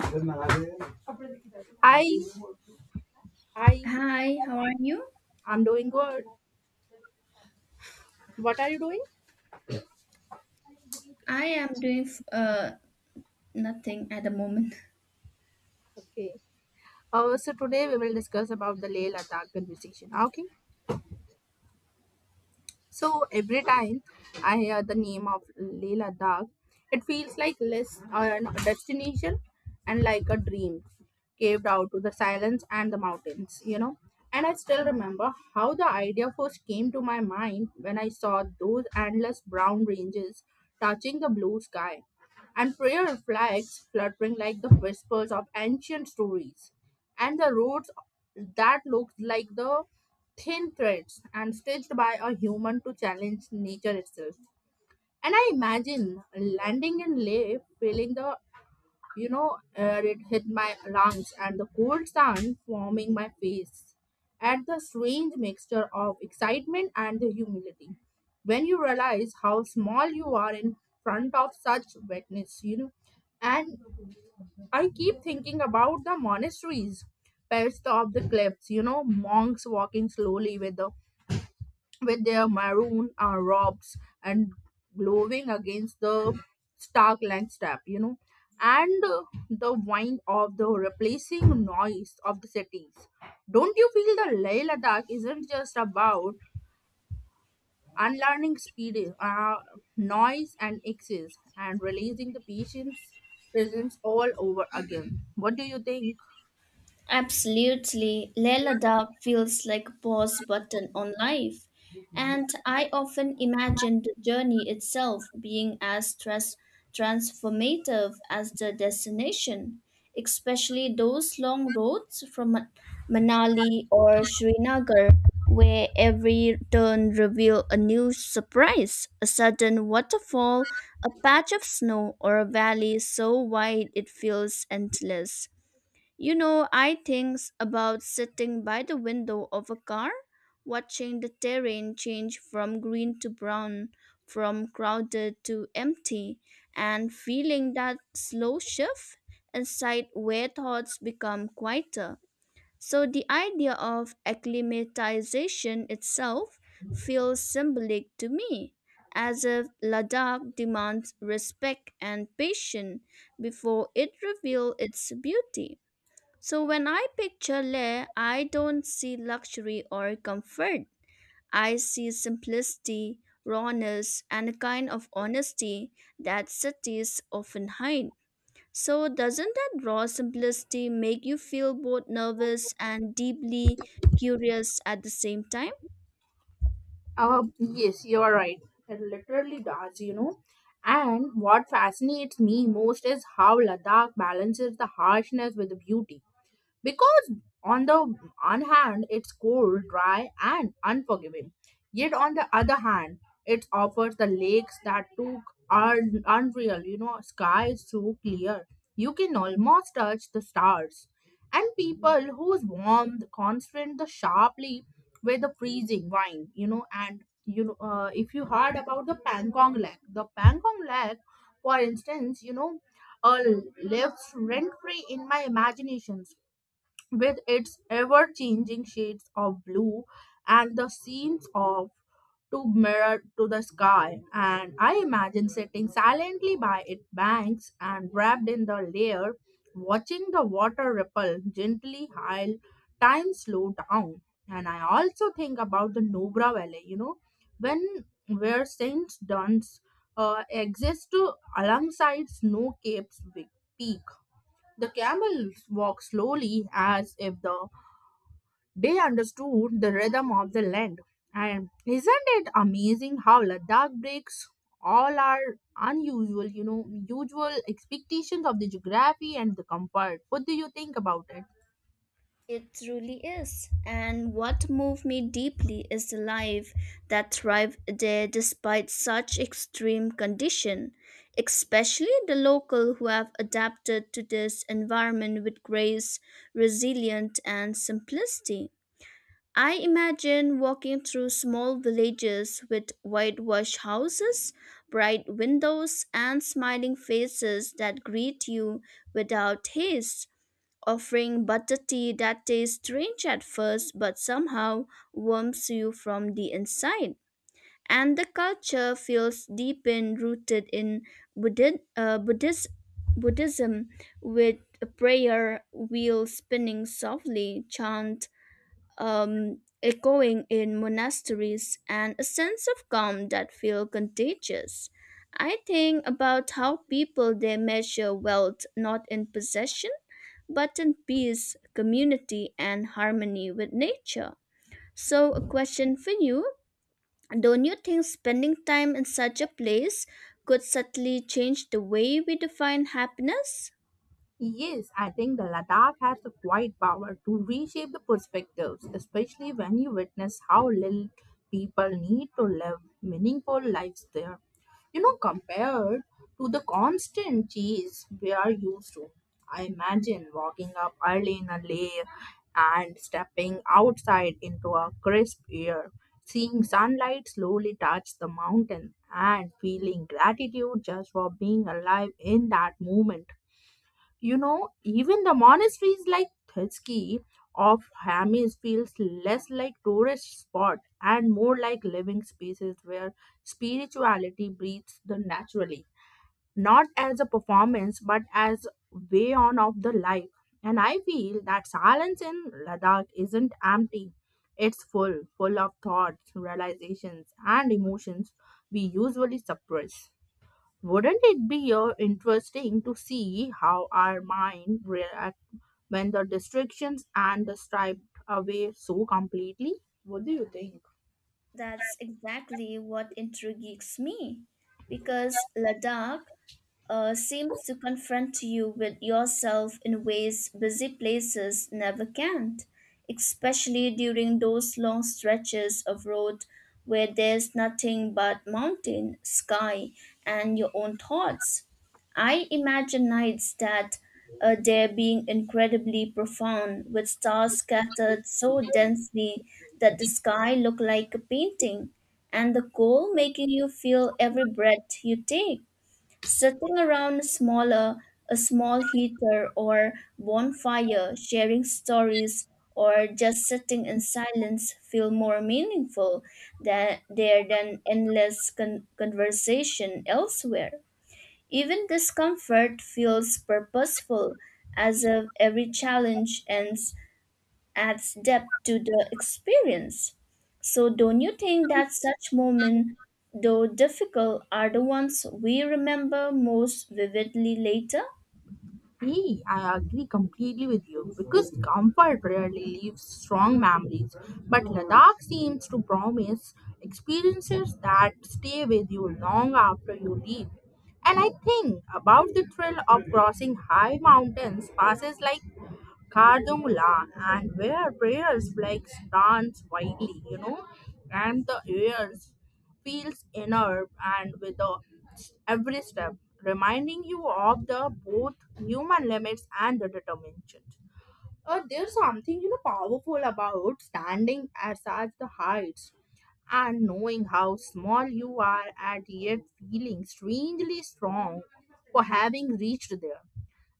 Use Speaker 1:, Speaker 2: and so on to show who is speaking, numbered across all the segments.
Speaker 1: Hi, hi.
Speaker 2: Hi, how are you?
Speaker 1: I'm doing good. What are you doing?
Speaker 2: I am doing nothing at the moment.
Speaker 1: Okay. So today we will discuss about the Leh Ladakh conversation. Okay. So every time I hear the name of Leh Ladakh, it feels like less an destination and like a dream caved out to the silence and the mountains. You know. And I still remember how the idea first came to my mind when I saw those endless brown ranges touching the blue sky and prayer flags fluttering like the whispers of ancient stories, and the roads that look like the thin threads and stitched by a human to challenge nature itself. And I imagine landing in Leh, feeling the air it hit my lungs and the cold sun warming my face. At the strange mixture of excitement and the humility. When you realize how small you are in front of such wetness, you know. And I keep thinking about the monasteries, perched of the cliffs, you know, monks walking slowly with the with their maroon robes and glowing against the stark landscape, you know, and the whine of the replacing noise of the cities. Don't you feel the Leh Ladakh isn't just about unlearning speed, noise, and excess, and releasing the patient's presence all over again? What do you think?
Speaker 2: Absolutely. Lela Dab feels like a pause button on life. And I often imagine the journey itself being as stress transformative as the destination, especially those long roads from Manali or Srinagar, where every turn reveal a new surprise, a sudden waterfall, a patch of snow, or a valley so wide it feels endless. You know, I think about sitting by the window of a car, watching the terrain change from green to brown, from crowded to empty, and feeling that slow shift inside where thoughts become quieter. So the idea of acclimatization itself feels symbolic to me, as if Ladakh demands respect and patience before it reveals its beauty. So when I picture Leh, I don't see luxury or comfort. I see simplicity, rawness, and a kind of honesty that cities often hide. So doesn't that raw simplicity make you feel both nervous and deeply curious at the same time?
Speaker 1: Yes, you are right. It literally does, you know. And what fascinates me most is how Ladakh balances the harshness with the beauty because on the one hand it's cold dry and unforgiving, yet on the other hand it offers the lakes that took are unreal. You know, sky is so clear you can almost touch the stars, and people whose warmth constant the sharply with the freezing wine, you know. And you know, if you heard about the pankong lake for instance, you know, uh, lives rent free in my imagination with its ever changing shades of blue and the scenes of to mirror to the sky. And I imagine sitting silently by its banks and wrapped in the layer, watching the water ripple gently while time slow down. And I also think about the nubra valley, you know, when where saint duns exists to alongside snow cape's big peak, the camels walked slowly as if they understood the rhythm of the land. And isn't it amazing how Ladakh breaks all our unusual, you know, usual expectations of the geography and the comfort? What do you think about it?
Speaker 2: It truly is. And what moved me deeply is the life that thrived there despite such extreme condition, especially the local who have adapted to this environment with grace, resilience and simplicity. I imagine walking through small villages with whitewashed houses, bright windows and smiling faces that greet you without haste offering butter tea that tastes strange at first but somehow warms you from the inside. And the culture feels deep in rooted in Buddhi- uh, Buddhist, Buddhism with prayer wheels spinning softly, chant echoing in monasteries and a sense of calm that feel contagious. I think about how people they measure wealth not in possession, but in peace, community, and harmony with nature. So, a question for you. Don't you think spending time in such a place could subtly change the way we define happiness?
Speaker 1: Yes, I think the Ladakh has the quiet power to reshape the perspectives, especially when you witness how little people need to live meaningful lives there. You know, compared to the constant chase we are used to. I imagine walking up early in a lay and stepping outside into a crisp air, seeing sunlight slowly touch the mountain and feeling gratitude just for being alive in that moment. You know, even the monasteries like Thutski of Hamis feels less like tourist spot and more like living spaces where spirituality breathes the naturally, not as a performance but as way on of the life. And I feel that silence in Ladakh isn't empty. It's full, full of thoughts, realizations, and emotions we usually suppress. Wouldn't it be interesting to see how our mind react when the distractions and the striped away so completely? What do you think?
Speaker 2: That's exactly what intrigues me. Because Ladakh seems to confront you with yourself in ways busy places never can, especially during those long stretches of road where there's nothing but mountain, sky, and your own thoughts. I imagine nights that there being incredibly profound, with stars scattered so densely that the sky looked like a painting, and the cold making you feel every breath you take. Sitting around a small heater or bonfire, sharing stories or just sitting in silence feel more meaningful than, there than endless conversation elsewhere. Even discomfort feels purposeful as if every challenge and adds depth to the experience. So, don't you think that such moments, though difficult, are the ones we remember most vividly later?
Speaker 1: Hey, I agree completely with you because comfort rarely leaves strong memories. But Ladakh seems to promise experiences that stay with you long after you leave. And I think about the thrill of crossing high mountains passes like Kardung, and where prayers flags dance widely, you know, and the air feels inner and with the every step, reminding you of the both human limits and the determination. There's something, you know, powerful about standing at such the heights and knowing how small you are and yet feeling strangely strong for having reached there.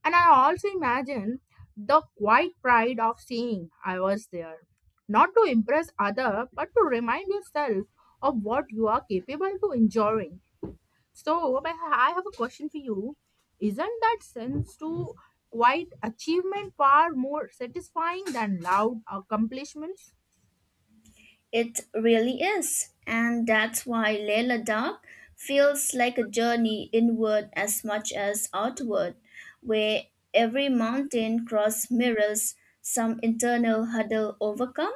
Speaker 1: And I also imagine the quiet pride of saying I was there. Not to impress other, but to remind yourself of what you are capable to enduring. So but I have a question for you. Isn't that sense to quiet achievement far more satisfying than loud accomplishments?
Speaker 2: It really is. And that's why Layla Dark feels like a journey inward as much as outward, where every mountain cross mirrors some internal hurdle overcome.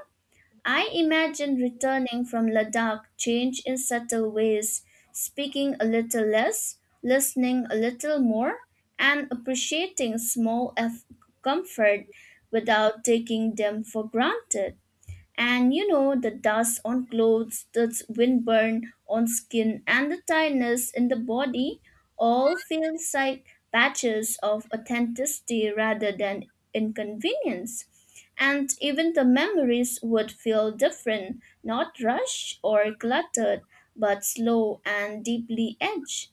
Speaker 2: I imagine returning from Ladakh change in subtle ways, speaking a little less, listening a little more, and appreciating comfort without taking them for granted. And you know the dust on clothes, the windburn on skin, and the tiredness in the body all feels like patches of authenticity rather than inconvenience. And even the memories would feel different, not rushed or cluttered, but slow and deeply edged.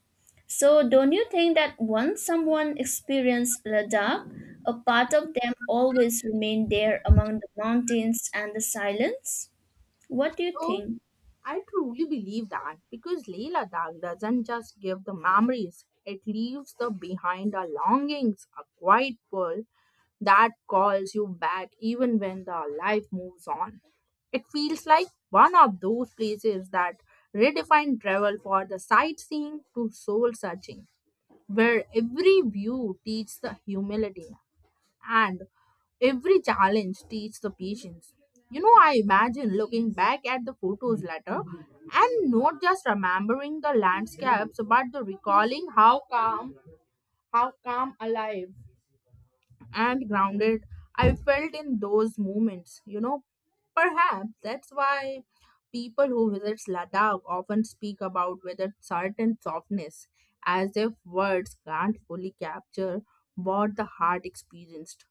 Speaker 2: So, don't you think that once someone experienced Ladakh, a part of them always remained there among the mountains and the silence? What do you
Speaker 1: So
Speaker 2: think?
Speaker 1: I truly believe that because Leh Ladakh doesn't just give the memories, it leaves the behind the longings, a quiet world that calls you back even when the life moves on. It feels like one of those places that redefine travel for the sightseeing to soul searching, where every view teaches the humility and every challenge teaches the patience. You know, I imagine looking back at the photos later and not just remembering the landscapes but the recalling how calm, alive, and grounded I felt in those moments. You know, perhaps that's why people who visit Ladakh often speak about with a certain softness, as if words can't fully capture what the heart experienced.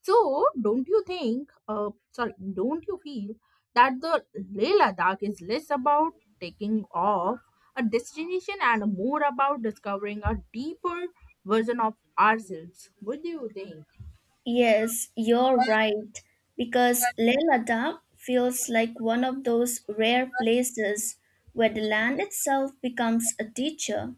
Speaker 1: So, don't you think, sorry, don't you feel that the Leh Ladakh is less about taking off a destination and more about discovering a deeper version of ourselves? What do you think?
Speaker 2: Yes, you're right. Because Leh Ladakh feels like one of those rare places where the land itself becomes a teacher,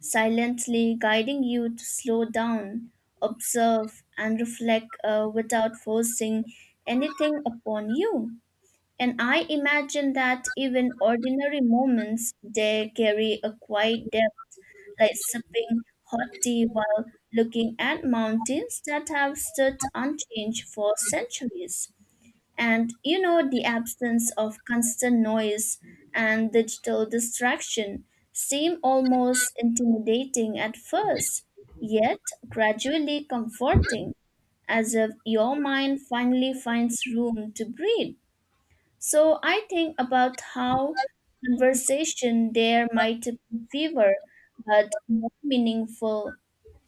Speaker 2: silently guiding you to slow down, observe, and reflect without forcing anything upon you. And I imagine that even ordinary moments they carry a quiet depth, like sipping hot tea while looking at mountains that have stood unchanged for centuries. And you know, the absence of constant noise and digital distraction seem almost intimidating at first, yet gradually comforting, as if your mind finally finds room to breathe. So I think about how conversation there might be fewer but more meaningful,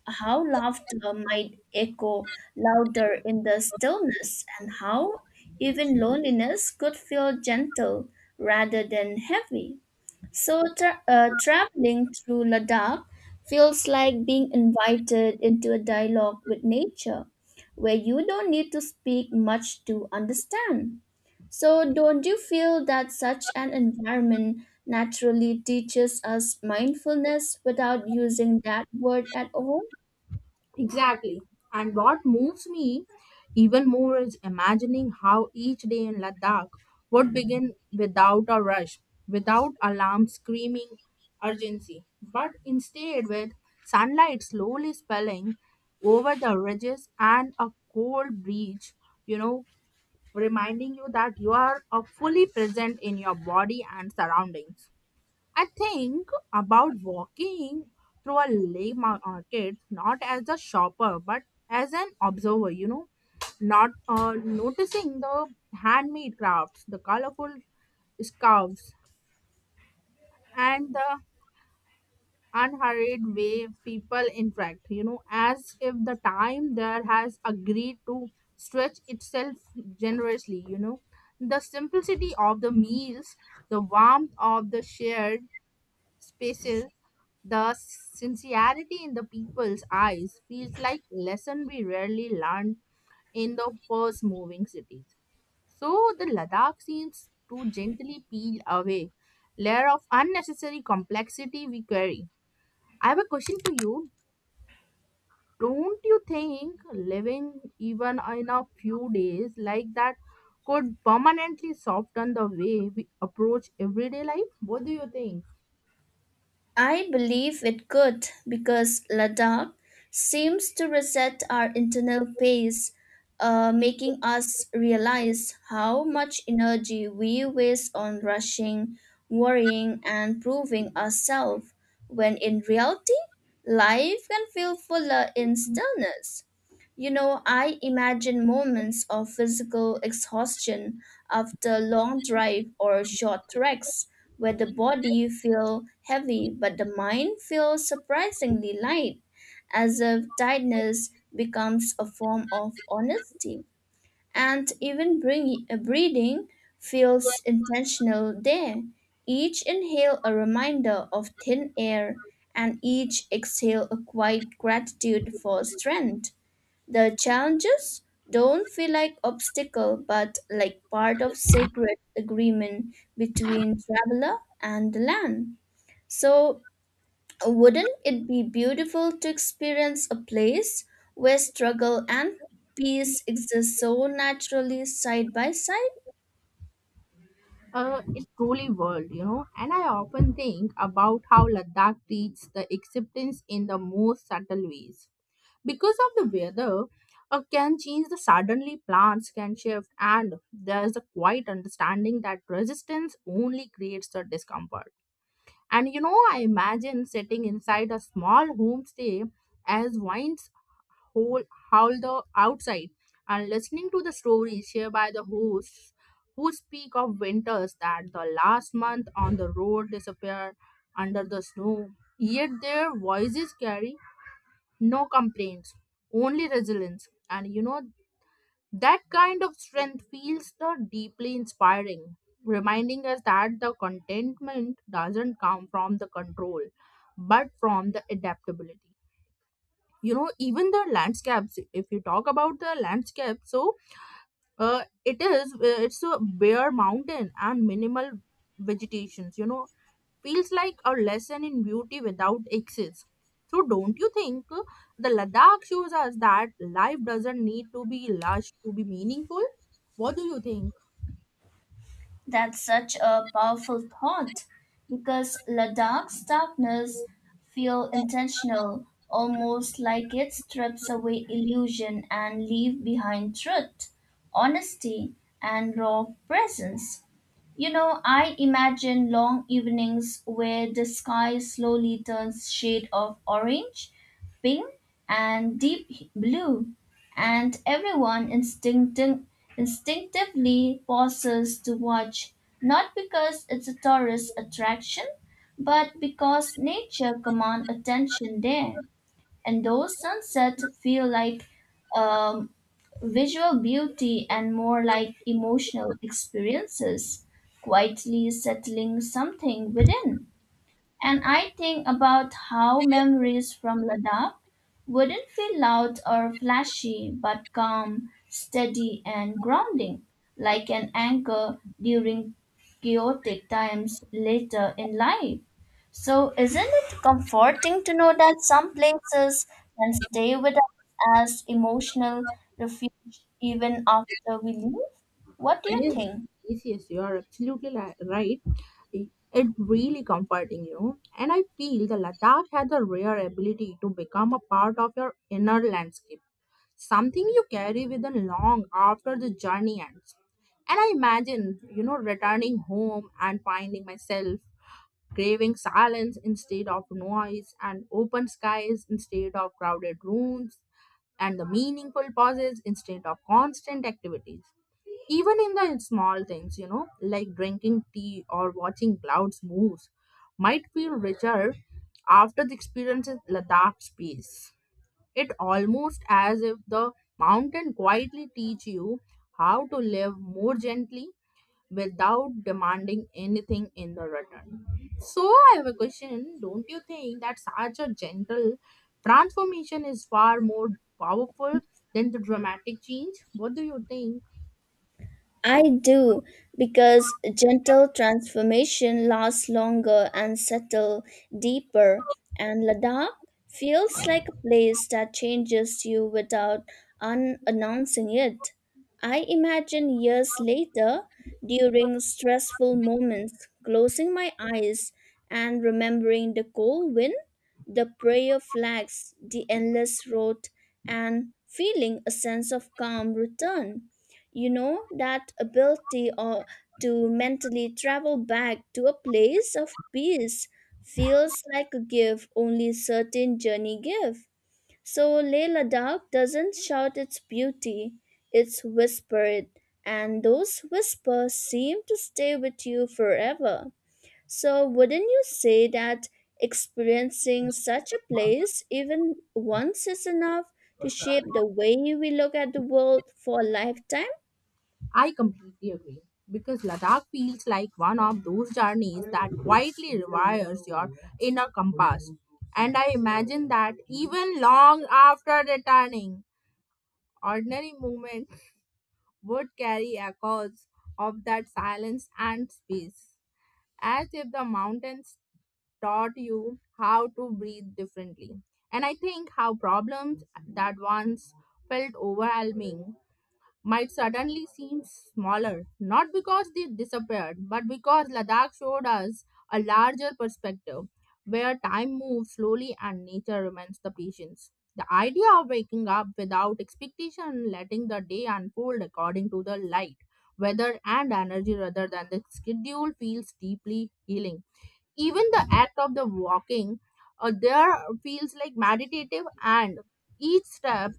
Speaker 2: how laughter might echo louder in the stillness, and how even loneliness could feel gentle rather than heavy. So, traveling through Ladakh feels like being invited into a dialogue with nature where you don't need to speak much to understand. So, don't you feel that such an environment naturally teaches us mindfulness without using that word at all?
Speaker 1: Exactly. And what moves me even more is imagining how each day in Ladakh would begin without a rush, without alarm screaming urgency, but instead with sunlight slowly spilling over the ridges and a cold breeze, you know, reminding you that you are fully present in your body and surroundings. I think about walking through a market not as a shopper but as an observer, you know, not noticing the handmade crafts, the colorful scarves, and the unhurried way people interact, you know, as if the time there has agreed to stretch itself generously, you know. The simplicity of the meals, the warmth of the shared spaces, the sincerity in the people's eyes feels like lesson we rarely learn in the first moving cities. So the Ladakh seems to gently peel away layer of unnecessary complexity we carry. I have a question for you. Don't you think living even in a few days like that could permanently soften the way we approach everyday life? What do you think?
Speaker 2: I believe it could because Ladakh seems to reset our internal pace, making us realize how much energy we waste on rushing, worrying, and proving ourselves, when in reality, life can feel fuller in stillness. You know, I imagine moments of physical exhaustion after long drive or short treks where the body feels heavy but the mind feels surprisingly light, as if tiredness becomes a form of honesty. And even breathing feels intentional there. Each inhale a reminder of thin air and each exhale a quiet gratitude for strength. The challenges don't feel like obstacle but like part of sacred agreement between traveler and the land. So wouldn't it be beautiful to experience a place where struggle and peace exist so naturally side by side?
Speaker 1: Is truly world, you know. And I often think about how Ladakh treats the acceptance in the most subtle ways. Because of the weather, can change the suddenly plants can shift, and there is a quiet understanding that resistance only creates the discomfort. And you know, I imagine sitting inside a small homestay as wine whole howl the outside, and listening to the stories shared by the hosts who speak of winters that the last month on the road disappear under the snow, yet their voices carry no complaints, only resilience. And you know, that kind of strength feels the deeply inspiring, reminding us that the contentment doesn't come from the control but from the adaptability. You know, even the landscapes, if you talk about the landscape, so it's a bare mountain and minimal vegetations, you know, feels like a lesson in beauty without excess. So don't you think, the ladakh shows us that life doesn't need to be lush to be meaningful? What do you think?
Speaker 2: That's such a powerful thought because Ladakh's darkness feel intentional, almost like it strips away illusion and leave behind truth, honesty, and raw presence. You know, I imagine long evenings where the sky slowly turns shade of orange, pink, and deep blue, and everyone instinctively pauses to watch, not because it's a tourist attraction, but because nature commands attention there. And those sunsets feel like um, visual beauty and more like emotional experiences, quietly settling something within. And I think about how memories from Ladakh wouldn't feel loud or flashy, but calm, steady, and grounding, like an anchor during chaotic times later in life. So, isn't it comforting to know that some places can stay with us as emotional refuge even after we leave? What do you
Speaker 1: Yes,
Speaker 2: think?
Speaker 1: yes, yes, you are absolutely right. It really comforting, you know. And I feel the Ladakh has a rare ability to become a part of your inner landscape, something you carry with you long after the journey ends. And I imagine, you know, returning home and finding myself craving silence instead of noise and open skies instead of crowded rooms and the meaningful pauses instead of constant activities. Even in the small things, you know, like drinking tea or watching clouds move might feel richer after the experience in ladakh space. It almost as if the mountain quietly teach you how to live more gently without demanding anything in the return. So I have a question, don't you think that such a gentle transformation is far more powerful than the dramatic change? What do you think?
Speaker 2: I do because gentle transformation lasts longer and settle deeper, and Ladakh feels like a place that changes you without announcing it. I imagine years later during stressful moments closing my eyes and remembering the cold wind, the prayer flags, the endless road, and feeling a sense of calm return. You know, that ability or to mentally travel back to a place of peace feels like a gift only certain journey give. So Leh Ladakh doesn't shout its beauty, it's whispered, and those whispers seem to stay with you forever. So wouldn't you say that experiencing such a place even once is enough to shape the way we look at the world for a lifetime?
Speaker 1: I completely agree because Ladakh feels like one of those journeys that quietly rewires your inner compass. And I imagine that even long after returning, ordinary movement would carry echoes of that silence and space, as if the mountains taught you how to breathe differently. And I think how problems that once felt overwhelming might suddenly seem smaller, not because they disappeared, but because Ladakh showed us a larger perspective where time moves slowly and nature remains the patience. The idea of waking up without expectation, letting the day unfold according to the light, weather, and energy rather than the schedule feels deeply healing. Even the act of the walking there feels like meditative and each step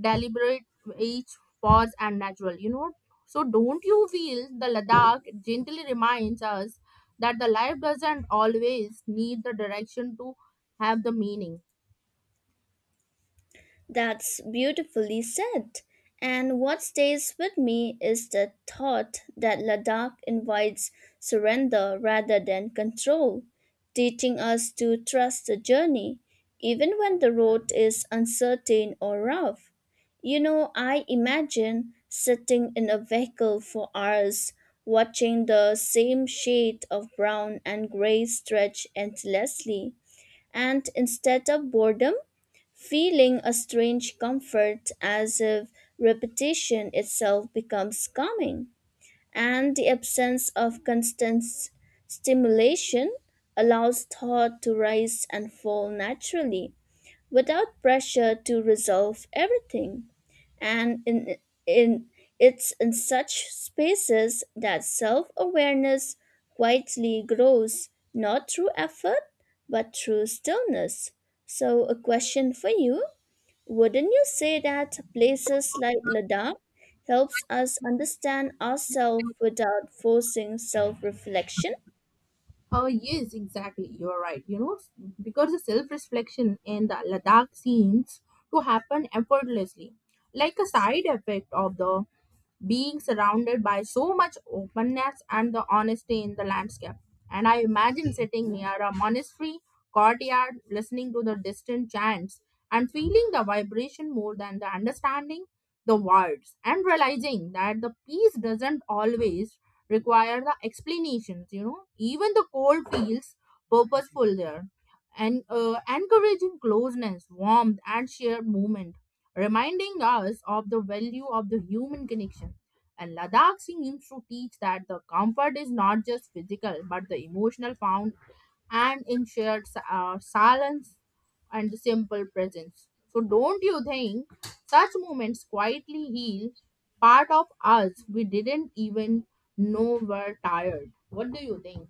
Speaker 1: deliberate, each pause and natural. So don't you feel the Ladakh gently reminds us that the life doesn't always need the direction to have the meaning?
Speaker 2: That's beautifully said. And what stays with me is the thought that Ladakh invites surrender rather than control, teaching us to trust the journey, even when the road is uncertain or rough. You know, I imagine sitting in a vehicle for hours, watching the same shade of brown and gray stretch endlessly. And instead of boredom, feeling a strange comfort as if repetition itself becomes calming, and the absence of constant stimulation allows thought to rise and fall naturally without pressure to resolve everything. And in it's in such spaces that self awareness quietly grows, not through effort but through stillness. So, a question for you. Wouldn't you say that places like Ladakh helps us understand ourselves without forcing self-reflection?
Speaker 1: Oh yes, exactly, you're right. Because the self-reflection in the Ladakh seems to happen effortlessly, like a side effect of the being surrounded by so much openness and the honesty in the landscape. And I imagine sitting near a monastery courtyard, listening to the distant chants and feeling the vibration more than the understanding the words, and realizing that the peace doesn't always require the explanations. You know, even the cold feels purposeful there, and encouraging closeness, warmth, and shared movement, reminding us of the value of the human connection. And Ladakh seems to teach that the comfort is not just physical but the emotional found and in shared silence and the simple presence. So, don't you think such moments quietly heal part of us we didn't even know were tired? What do you think?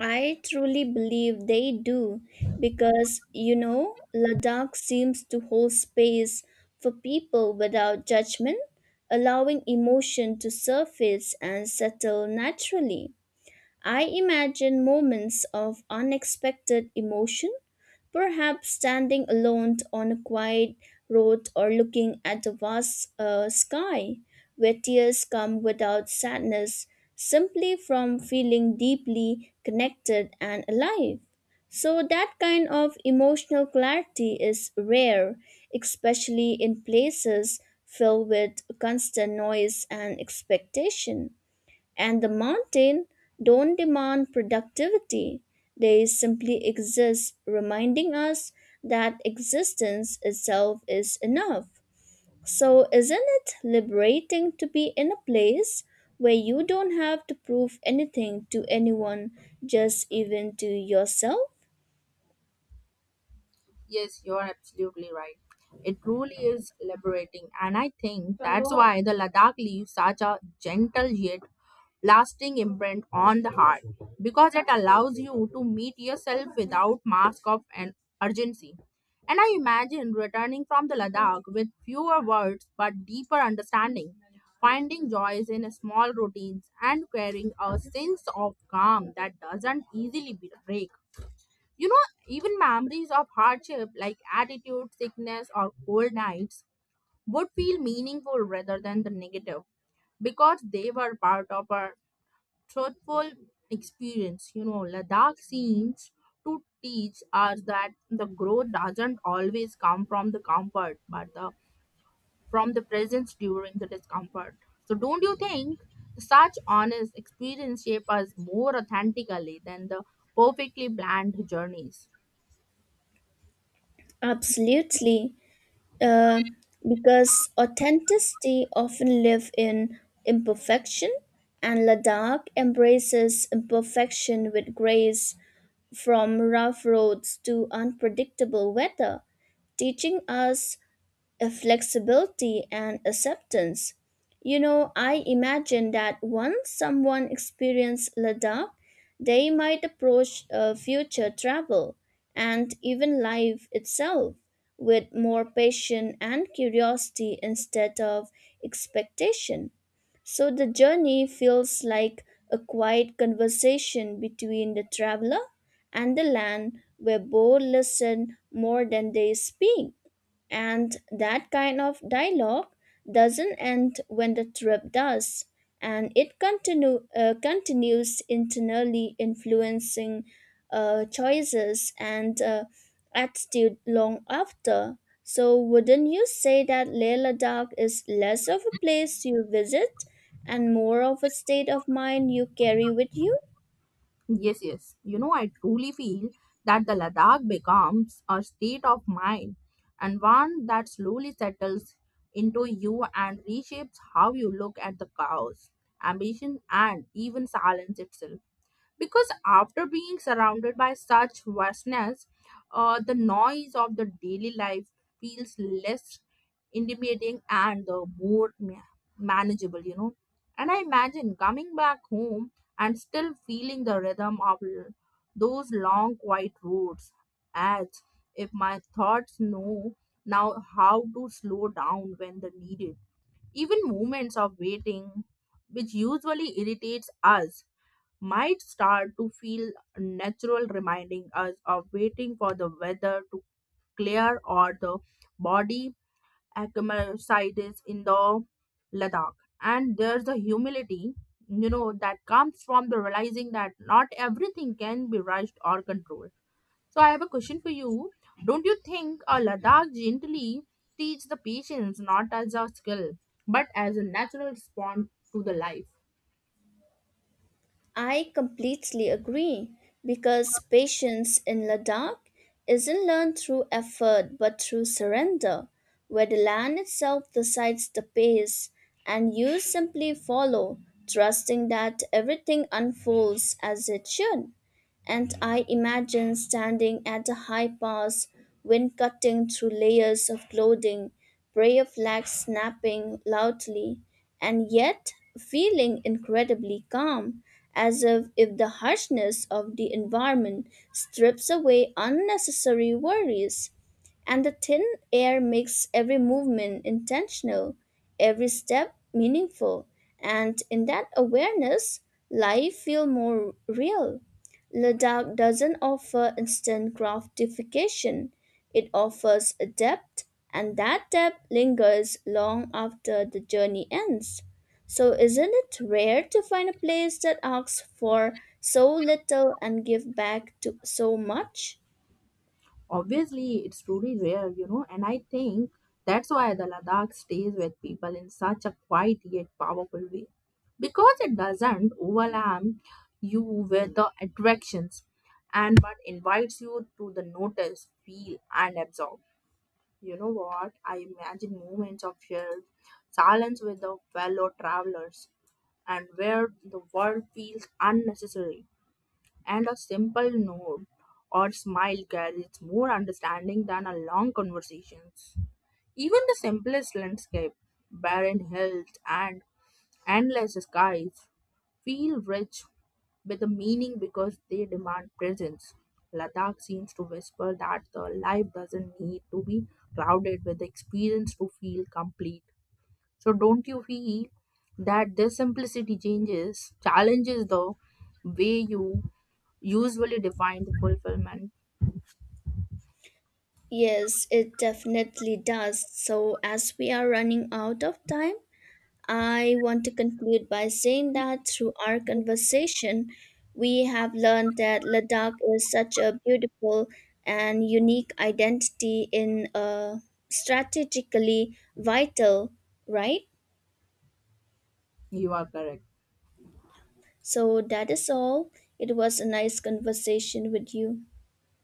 Speaker 2: I truly believe they do because you know Ladakh seems to hold space for people without judgment, allowing emotion to surface and settle naturally. I imagine moments of unexpected emotion, perhaps standing alone on a quiet road or looking at the vast sky, where tears come without sadness, simply from feeling deeply connected and alive. So, that kind of emotional clarity is rare, especially in places filled with constant noise and expectation. And the mountain don't demand productivity. They simply exist, reminding us that existence itself is enough. So, isn't it liberating to be in a place where you don't have to prove anything to anyone, just even to yourself?
Speaker 1: Yes, you are absolutely right. It truly is liberating, and I think that's why the Ladakh leaves such a gentle yet lasting imprint on the heart, because it allows you to meet yourself without mask of an urgency. And I imagine returning from the Ladakh with fewer words but deeper understanding, finding joys in small routines and carrying a sense of calm that doesn't easily be break. You know, even memories of hardship like attitude, sickness, or cold nights would feel meaningful rather than the negative because they were part of a truthful experience. You know, Ladakh seems to teach us that the growth doesn't always come from the comfort, but the from the presence during the discomfort. So, don't you think such honest experience shape us more authentically than the perfectly planned journeys?
Speaker 2: Absolutely. uh, because authenticity often live in imperfection, and ladakh embraces imperfection with grace, from rough roads to unpredictable weather, teaching us a flexibility and acceptance. You know, I imagine that once someone experiences Ladakh, they might approach future travel and even life itself with more patience and curiosity instead of expectation. So the journey feels like a quiet conversation between the traveler and the land where both listen more than they speak. And that kind of dialogue doesn't end when the trip does, and it continues internally, influencing choices and attitude long after. So, wouldn't you say that Leila Dark is less of a place you visit and more of a state of mind you carry with you?
Speaker 1: Yes, yes. You know, I truly feel that the Ladakh becomes a state of mind, and one that slowly settles into you and reshapes how you look at the chaos, ambition, and even silence itself, because after being surrounded by such vastness, the noise of the daily life feels less intimidating and manageable, you know. And I imagine coming back home and still feeling the rhythm of those long, quiet roads, as if my thoughts know now how to slow down when they're needed. Even moments of waiting, which usually irritates us, might start to feel natural, reminding us of waiting for the weather to clear or the body acclimatizes in the Ladakh. And there's a humility, you know, that comes from the realizing that not everything can be rushed or controlled. So I have a question for you. Don't you think a Ladakh gently teach the patience not as a skill, but as a natural response to the life?
Speaker 2: I completely agree because patience in Ladakh isn't learned through effort but through surrender, where the land itself decides the pace and you simply follow, trusting that everything unfolds as it should. And I imagine standing at a high pass, wind cutting through layers of clothing, prayer flags snapping loudly, and yet feeling incredibly calm, as if the harshness of the environment strips away unnecessary worries. And the thin air makes every movement intentional, every step meaningful, and in that awareness, life feels more real. Ladakh doesn't offer instant gratification. It offers a depth, and that depth lingers long after the journey ends. So, isn't it rare to find a place that asks for so little and give back to so much?
Speaker 1: Obviously it's truly rare, you know, and I think that's why the Ladakh stays with people in such a quiet yet powerful way, because it doesn't overwhelm you with the attractions and but invites you to the notice, feel and absorb. You know what, I imagine moments of shared silence with the fellow travelers, and where the world feels unnecessary and a simple nod or smile carries more understanding than a long conversations. Even the simplest landscape, barren hills and endless skies, feel rich with a meaning because they demand presence. Ladakh seems to whisper that the life doesn't need to be crowded with experience to feel complete. So don't you feel that this simplicity changes, challenges the way you usually define the fulfillment?
Speaker 2: Yes, it definitely does. So, as we are running out of time, I want to conclude by saying that through our conversation, we have learned that Ladakh is such a beautiful and unique identity in a strategically vital, right?
Speaker 1: You are correct.
Speaker 2: So that is all. It was a nice conversation with you.